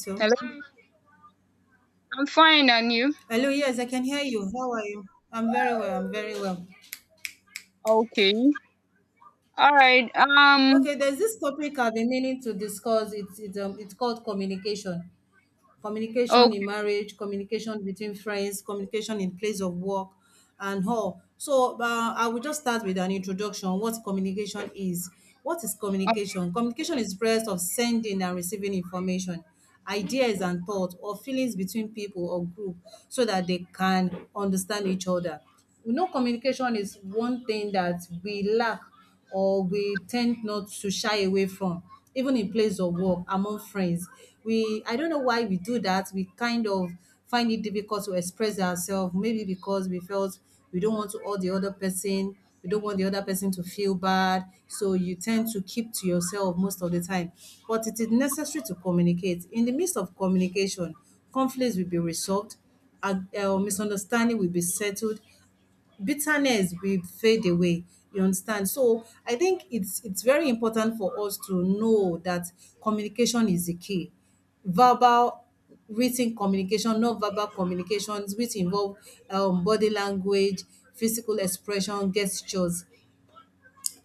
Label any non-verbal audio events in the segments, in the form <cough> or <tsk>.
So, Hello. Hi. I'm fine, and you? hello, yes, I can hear you. How are you? I'm very well. I'm very well. Okay. All right. Okay, there's this topic I've been meaning to discuss. It's called communication. Communication in Okay. marriage, communication between friends, communication in place of work, and all. So I will just start with an introduction. What communication is? What is All right. communication? Communication is the process of sending and receiving information, ideas and thoughts, or feelings between people or group, so that they can understand each other. We know communication is one thing that we lack or we tend not to shy away from, even in place of work, among friends. We I don't know why we do that. We kind of find it difficult to express ourselves, maybe because we felt we don't want to hurt the other person, we don't want the other person to feel bad. So you tend to keep to yourself most of the time. But it is necessary to communicate. In the midst of communication, conflicts will be resolved and misunderstanding will be settled, bitterness will fade away, you understand. So I think it's very important for us to know that communication is the key. Verbal, written communication, non-verbal communications, which involve body language, physical expression, gestures,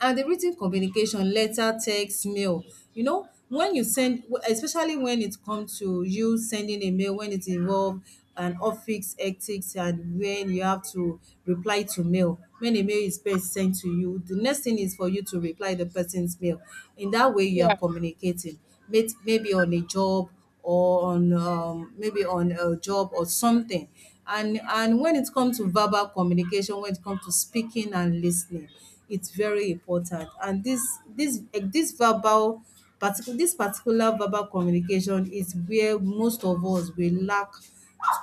and the written communication, letter, text, mail, you know, when you send, especially when it comes to you sending a mail, when it involve an office ethics and when you have to reply to mail, when a mail is first sent to you, the next thing is for you to reply the person's mail. In that way, you are Yeah. communicating, maybe on a job or on maybe on a job or something. And when it comes to verbal communication, when it comes to speaking and listening, it's very important. And this eh, this verbal particular this particular verbal communication is where most of us we lack,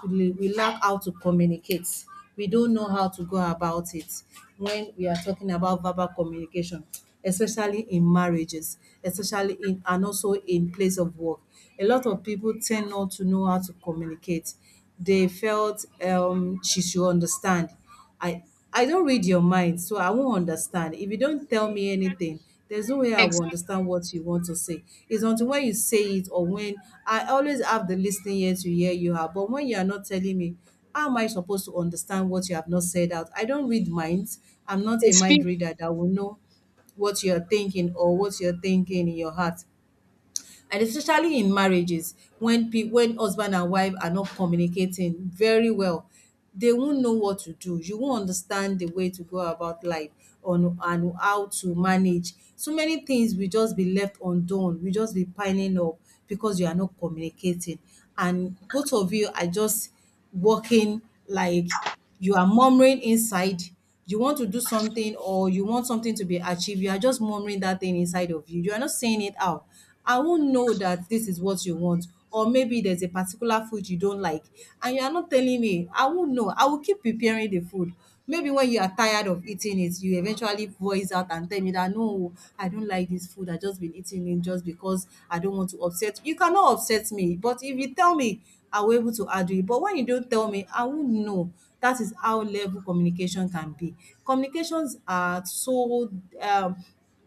we lack how to communicate. We don't know how to go about it when we are talking about verbal communication, especially in marriages, especially in and also in place of work. A lot of people tend not to know how to communicate. They felt she should understand. I I don't read your mind, so I won't understand. If you don't tell me anything, there's no way I will Exactly. understand what you want to say. It's until when you say it or when I always have the listening ear to hear you out. But when you are not telling me, how am I supposed to understand what you have not said out? I don't read minds. I'm not a mind Experience. reader that will know what you're thinking or what you're thinking in your heart. And especially in marriages when pe when husband and wife are not communicating very well, they won't know what to do. You won't understand the way to go about life on and how to manage. So many things will just be left undone, will just be piling up because you are not communicating and both of you are just working, like, you are murmuring inside. You want to do something or you want something to be achieved, you are just murmuring that thing inside of you, you are not saying it out. I won't know that this is what you want. Or maybe there's a particular food you don't like and you are not telling me. I won't know, I will keep preparing the food. Maybe when you are tired of eating it, you eventually voice out and tell me that, no, I don't like this food, I just been eating it just because I don't want to upset you. You cannot upset me, but if you tell me, I will able to argue it, but when you don't tell me, I won't know. That is how level communication can be. Communications are so um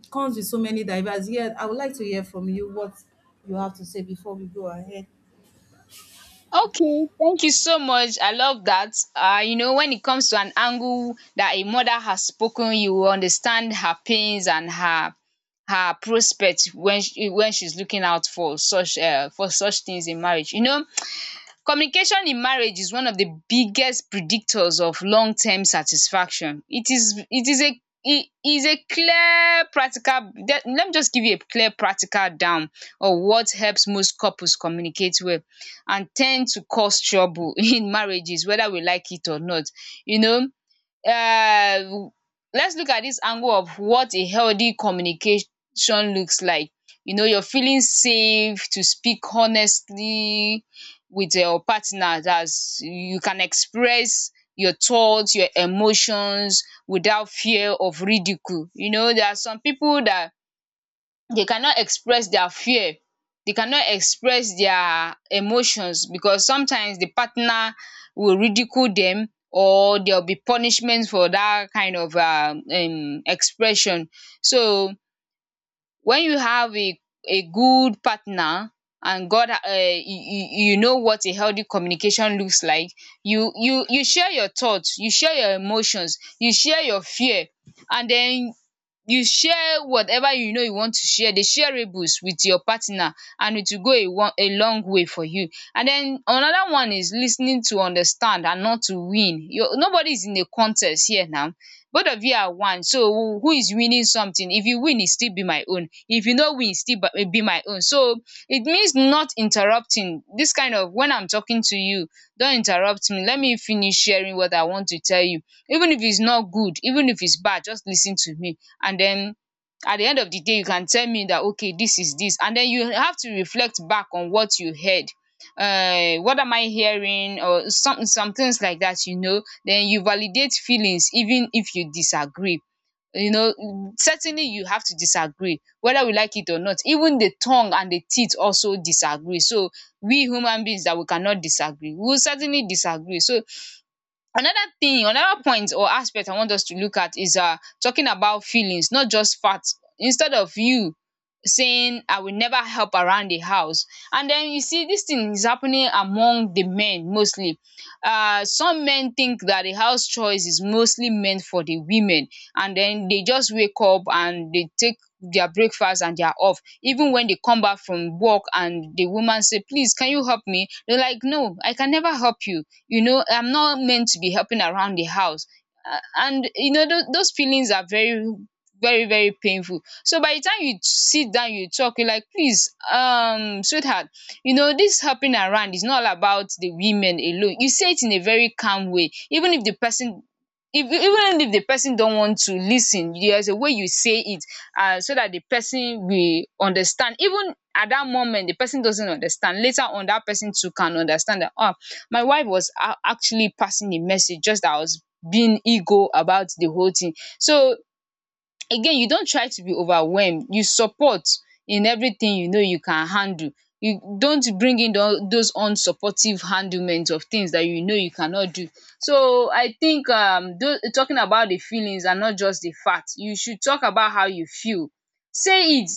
comes with so many diverse. Yeah, I would like to hear from you what you have to say before we go ahead. Okay. Thank you so much. I love that. When it comes to an angle that a mother has spoken, you will understand her pains and her prospects when she's looking out for such things in marriage. Communication in marriage is one of the biggest predictors of long term satisfaction. It is a clear practical Let me just give you a clear practical down of what helps most couples communicate well and tend to cause trouble <laughs> in marriages, whether we like it or not. You know um let's look at this angle of what a healthy communication looks like. You know, you're feeling safe to speak honestly with your partner. That's You can express your thoughts, your emotions without fear of ridicule. You know, there are some people that they cannot express their fear, they cannot express their emotions, because sometimes the partner will ridicule them, or there will be punishment for that kind of expression. So when you have a good partner and god, you know what a healthy communication looks like. You share your thoughts, you share your emotions, you share your fear, and then you share whatever, you know, you want to share the shareables with your partner, and it will go a long way for you. And then another one is listening to understand and not to win. You, nobody is in a contest here now. Both of you are one, so who is winning something? If you win, it still be my own; if you no win, e still be my own. So it means not interrupting. This kind of, when I'm talking to you, don't interrupt me, let me finish sharing what I want to tell you, even if it's not good, even if it's bad, just listen to me. And then at the end of the day you can tell me that, okay, this is this, and then you have to reflect back on what you heard. What am I hearing, or some things like that, you know. Then you validate feelings even if you disagree. You know, certainly you have to disagree, whether we like it or not. Even the tongue and the teeth also disagree. So we human beings that we cannot disagree, we will certainly disagree. So another thing, another point or aspect I want us to look at is talking about feelings, not just facts. Instead of you saying, I will never help around the house. And then you see this thing is happening among the men mostly. Some men think that the house chores is mostly meant for the women, and then they just wake up and they take their breakfast and they are off, even when they come back from work, and the woman say, please can you help me? They're like, no, I can never help you. You know, I'm not meant to be helping around the house. And you know those feelings are very very painful. So by the time you sit down, you talk, you're like, please, sweetheart, you know this helping around is not all about the women alone. You say it in a very calm way, even if the person, if, even if the person don't want to listen, there's a way you say it, so that the person will understand. Even at that moment the person doesn't understand, later on that person too can understand that, oh, my wife was actually passing a message, just that I was being ego about the whole thing. So again, you don't try to be overwhelmed, you support in everything you know you can handle. You don't bring in those unsupportive handlement of things that you know you cannot do. So I think talking about the feelings and not just the fact, you should talk about how you feel. Say it.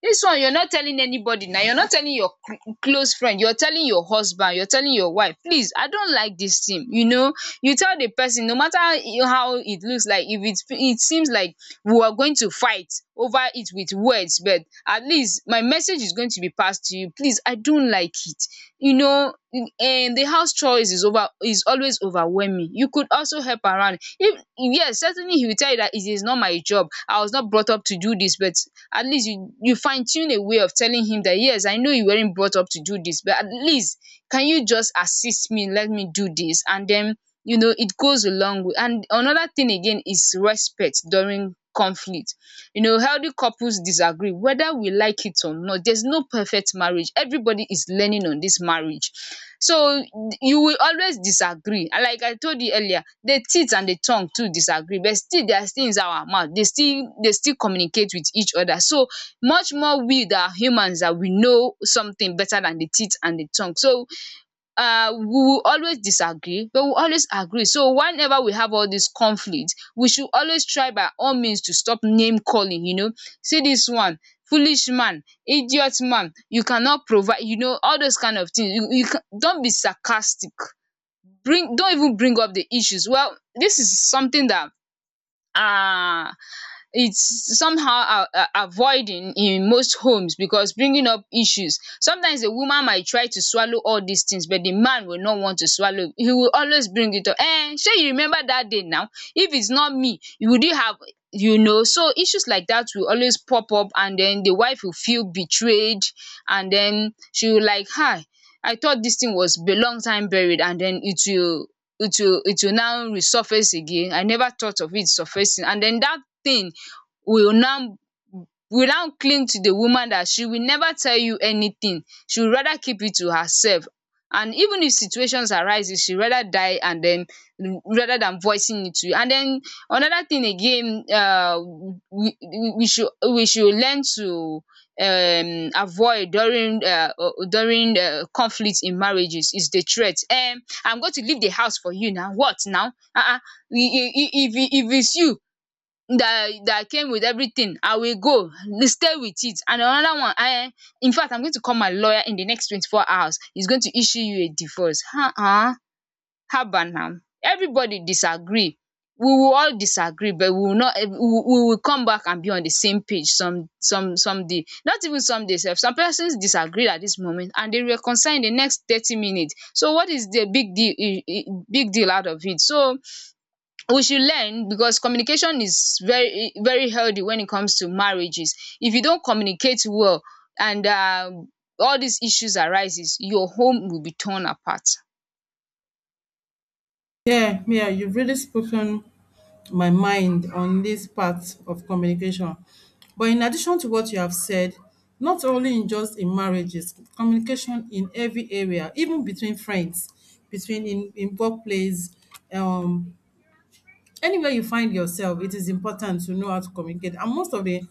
This one, you're not telling anybody now, you're not telling your close friend, you're telling your husband, you're telling your wife, please, I don't like this thing, you know. You tell the person, no matter how it looks like, if it seems like we were going to fight over it with words, but at least my message is going to be passed to you. Please, I don't like it, you know. And the house chores is over, is always overwhelming. You could also help around. If yes, certainly he will tell you that it is not my job, I was not brought up to do this, but at least you fine-tune a way of telling him that, yes, I know you weren't brought up to do this, but at least can you just assist me, let me do this, and then, you know, it goes a long way. And another thing again is respect during conflict. You know, healthy couples disagree, whether we like it or not. There's no perfect marriage. Everybody is learning on this marriage. So you will always disagree. And like I told you earlier, the teeth and the tongue too disagree, but still they are still inside our mouth. They still communicate with each other. So much more we that are humans, that we know something better than the teeth and the tongue. So we will always disagree, but we will always agree. So whenever we have all these conflict, we should always try by all means to stop name calling, you know. See this one: foolish man, idiot man, you cannot provide, you know, all those kind of things. You, don't be sarcastic. Don't even bring up the issues. Well, this is something that um it's somehow a avoiding in most homes, because bringing up issues, sometimes a woman might try to swallow all these things, but the man will not want to swallow, he will always bring it up. Eh, shey you remember that day now, if it's not me, you would, you have, you know. So issues like that will always pop up, and then the wife will feel betrayed, and then she will, like, hi, I thought this thing was a long time buried, and then it will it will now resurface again. I never thought of it surfacing. And then that thing will now will now cling to the woman that she will never tell you anything. She would rather keep it to herself. And even if situations arises, she rather die, and then, rather than voicing it to you. And then another thing again, we we should learn to avoid during conflict in marriages, is the threat. I'm going to leave the house for you now. What now? If it's you that came with everything, I will go stay with it. And another one, I, in fact, I'm going to call my lawyer in the next 24 hours, he's going to issue you a divorce. Uh-uh. How about now? Everybody disagree, we will all disagree, but we will not, we will come back and be on the same page some some day, not even some days. Some persons disagree at this moment and they reconcile in the next 30 minutes. So what is the big deal? Big deal out of it. So we should learn, because communication is very very healthy when it comes to marriages. If you don't communicate well and all these issues arises, your home will be torn apart. Yeah, Mia, you've really spoken my mind on this part of communication. But in addition to what you have said, not only in just in marriages, communication in every area, even between friends, between in workplace, um, anywhere you find yourself, it is important to know how to communicate. And most of the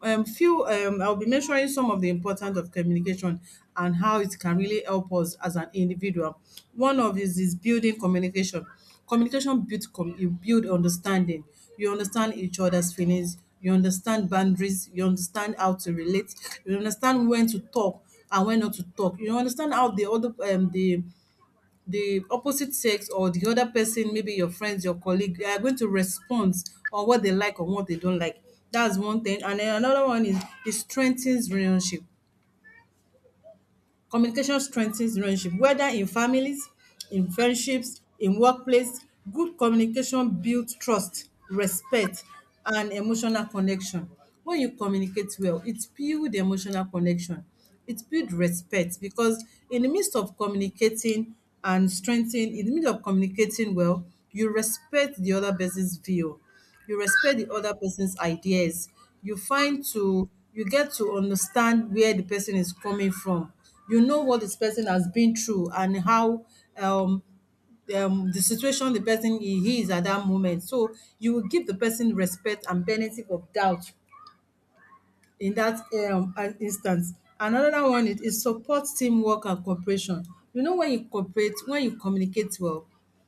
I'll be mentioning some of the importance of communication and how it can really help us as an individual. One of is building communication. Communication you build understanding. You understand each other's feelings. You understand boundaries. You understand how to relate. You understand when to talk and when not to talk. You understand how the other the opposite sex or the other person, maybe your friends, your colleague, they are going to respond on what they like or what they don't like. That's one thing. And then another one is it strengthens relationship. Communication strengthens relationship, whether in families, in friendships, in workplace. Good communication builds trust, respect and emotional connection. When you communicate well, it builds emotional connection. It builds respect because in the midst of communicating and strengthening, in the midst of communicating well, you respect the other person's view, you respect the other person's ideas, you find to you get to understand where the person is coming from, you know what this person has been through and how um the situation the person he is at that moment. So you will give the person respect and benefit of doubt in that an instance. Another one is support teamwork and cooperation. You know, when you cooperate, when you communicate well,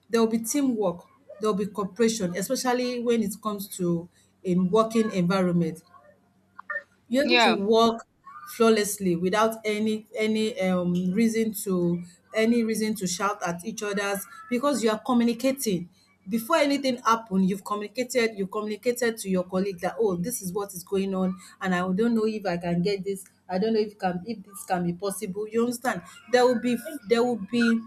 there will be teamwork, there will be cooperation, especially when it comes to a working environment. You're able to Yeah. work flawlessly without any reason to any reason to shout at each other's because you are communicating. Before anything happen, you've communicated, you communicated to your colleague that, oh, this is what is going on, and I don't know if I can get this. I don't know if can if this can be possible. You understand? There will be there will be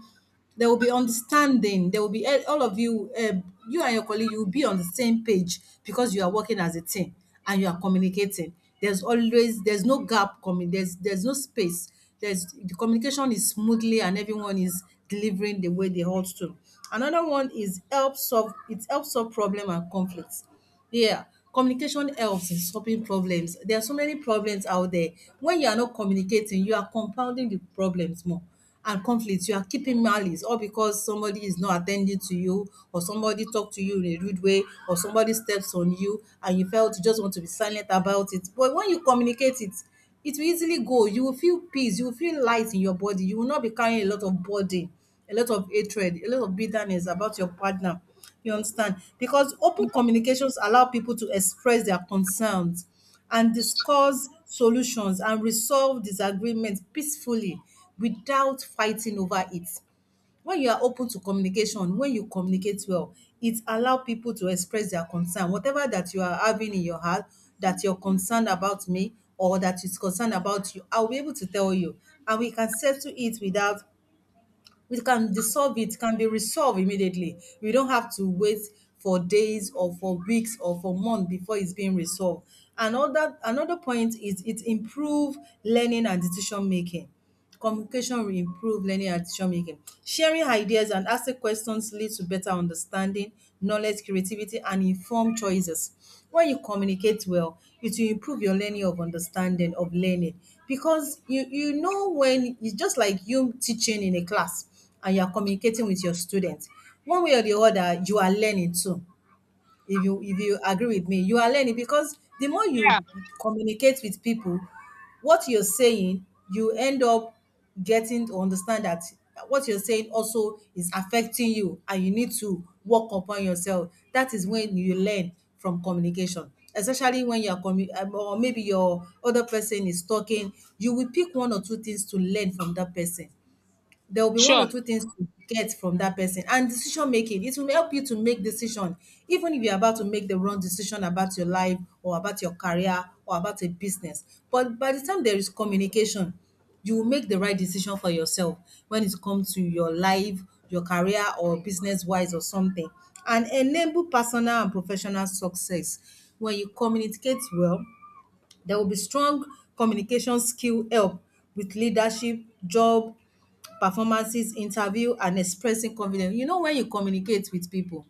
there will be understanding. There will be all of you, you and your colleague, you will be on the same page because you are working as a team and you are communicating. There's always there's no gap coming. There's no space. The communication is smoothly and everyone is delivering the way they ought to. Another one is help solve. It helps solve problem and conflicts, yeah, communication helps in solving problems. There are so many problems out there. When you are not communicating, you are compounding the problems more, and conflicts. You are keeping malice, or because somebody is not attending to you, or somebody talk to you in a rude way, or somebody steps on you, and you felt you just want to be silent about it. But when you communicate it, it will easily go. You will feel peace. You will feel light in your body. You will not be carrying a lot of burden, a lot of hatred, a lot of bitterness about your partner. You understand? Because open communications allow people to express their concerns and discuss solutions and resolve disagreements peacefully without fighting over it. When you are open to communication, when you communicate well, it allow people to express their concern. Whatever that you are having in your heart, that you're concerned about me or that is concerned about you, I'll be able to tell you. And we can settle it without, we can dissolve it, can be resolved immediately, we don't have to wait for days or for weeks or for months before it's being resolved. Another point is it improve learning and decision making. Communication will improve learning and decision making. Sharing ideas and asking questions leads to better understanding, knowledge, creativity and informed choices. When you communicate well, it will improve your learning of understanding of learning, because you know, when it's just like you teaching in a class and you are communicating with your students, one way or the other you are learning too. If you if you agree with me, you are learning, because the more you Yeah. communicate with people, what you're saying, you end up getting to understand that what you're saying also is affecting you and you need to work upon yourself. That is when you learn from communication, especially when or maybe your other person is talking, you will pick one or two things to learn from that person. There will be one or Sure. two things to get from that person. And decision making, it will help you to make decision, even if you're about to make the wrong decision about your life or about your career or about a business, but by the time there is communication, you will make the right decision for yourself, when it comes to your life, your career or business wise or something. And enable personal and professional success. When you communicate well, there will be strong communication skill, help with leadership, job, performances, interview and expressing confidence. You know, when you communicate with people,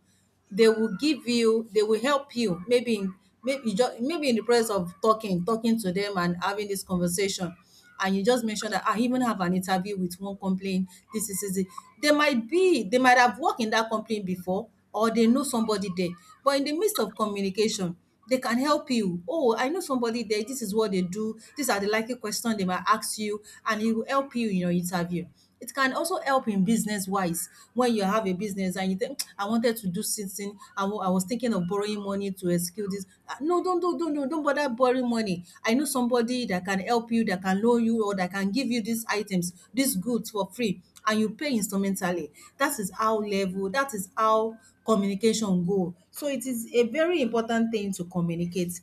they will give you, they will help you, maybe in, maybe just maybe in the process of talking, talking to them and having this conversation. And you just mentioned that, "Ah, I even have an interview with one company. This is easy." They might be, they might have worked in that complaint before, or they know somebody there. But in the midst of communication, they can help you. Oh, I know somebody there. This is what they do. These are the likely questions they might ask you, and it will help you in your interview. It can also help in business wise, when you have a business and you think I wanted to do something. I was thinking of borrowing money to execute this. Ah, no, don't bother borrowing money. I know somebody that can help you, that can loan you, or that can give you these items, these goods for free and you pay instrumentally. That is how level, that is how communication go. So it is a very important thing to communicate.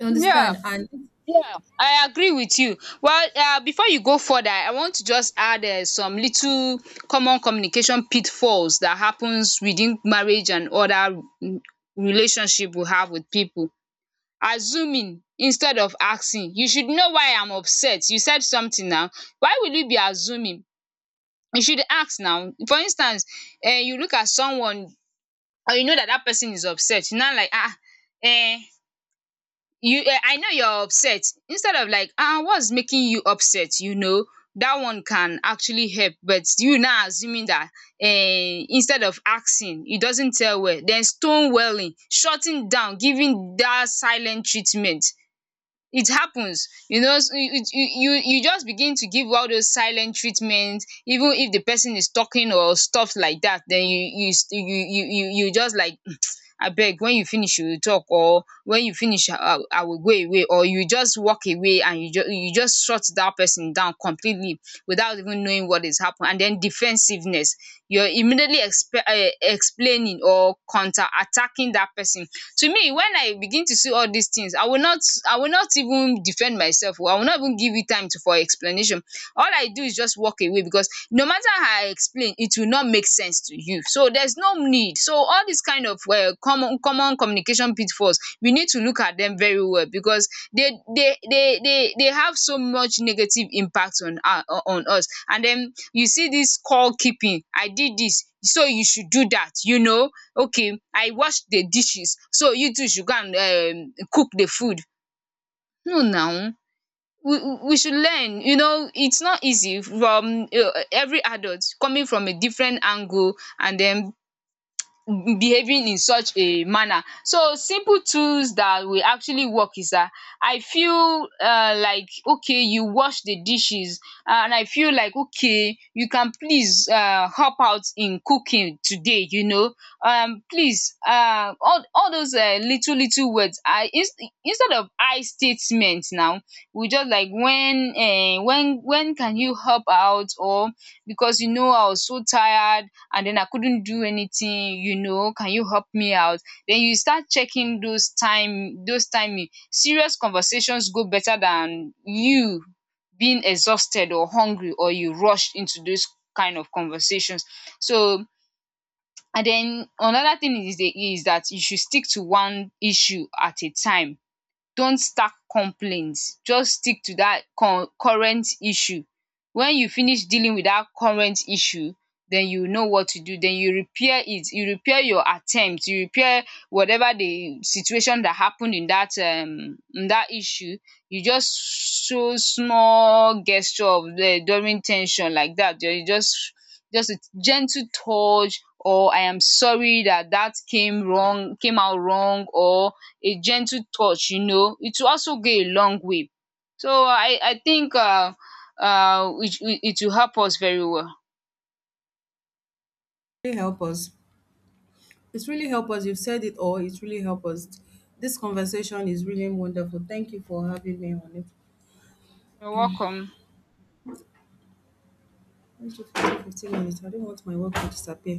You Yeah. understand? And it Yeah, I agree with you. Well, before you go further, I want to just add some little common communication pitfalls that happens within marriage and other, mm, relationship we have with people. Assuming instead of asking: you should know why I'm upset. You said something now, why will you be assuming? You should ask, now for instance, you look at someone and you know that that person is upset. You now like, ah, eh, you, I know you're upset, instead of like, ah, what's making you upset, you know, that one can actually help. But you now assuming that, instead of asking, it doesn't tell well. Then stonewalling, shutting down, giving that silent treatment. It happens, you know. You, you just begin to give all those silent treatments, even if the person is talking or stuff like that. Then you just like <sniffs> <tsk> I beg, when you finish you will talk, or when you finish I will go away, or you just walk away, and you just you just shut that person down completely without even knowing what is happening. And then defensiveness, you're immediately explaining or counter attacking that person. To me, when I begin to see all these things, I will not even defend myself, or I will not even give you time to for explanation. All I do is just walk away, because no matter how I explain, it will not make sense to you. So there's no need. So all these kind of, common communication pitfalls, we need to look at them very well, because they have so much negative impact on our on us. And then you see this score keeping, I did this so you should do that, you know. Okay, I washed the dishes, so you too should go and cook the food. No now, we should learn, you know, it's not easy from, every adult coming from a different angle and then behaving in such a manner. So simple tools that will actually work is that, I feel like, okay, you wash the dishes, and I feel like, okay, you can please help out in cooking today, you know. Please, all those, little words, I instead of I statement now, we just like, when when can you help out, or because, you know, I was so tired, and then I couldn't do anything, you know, can you help me out? Then you start checking those time, those timing. Serious conversations go better than you being exhausted or hungry, or you rushed into those kind of conversations. So and then another thing is is that you should stick to one issue at a time. Don't stack complaints, just stick to that con current issue. When you finish dealing with that current issue, then you know what to do, then you repair it. You repair your attempt, you repair whatever the situation that happened in that, in that issue. You just show small gesture of the during tension like that. You just a gentle touch, or I am sorry that that came wrong, came out wrong, or a gentle touch, you know, it will also go a long way. So I think, it it will help us very well. really help us. It's really help us. You've said it all. It's really help us. This conversation is really wonderful. Thank you for having me on it. You're welcome. Thank you for 15 minutes. I don't want my work to disappear.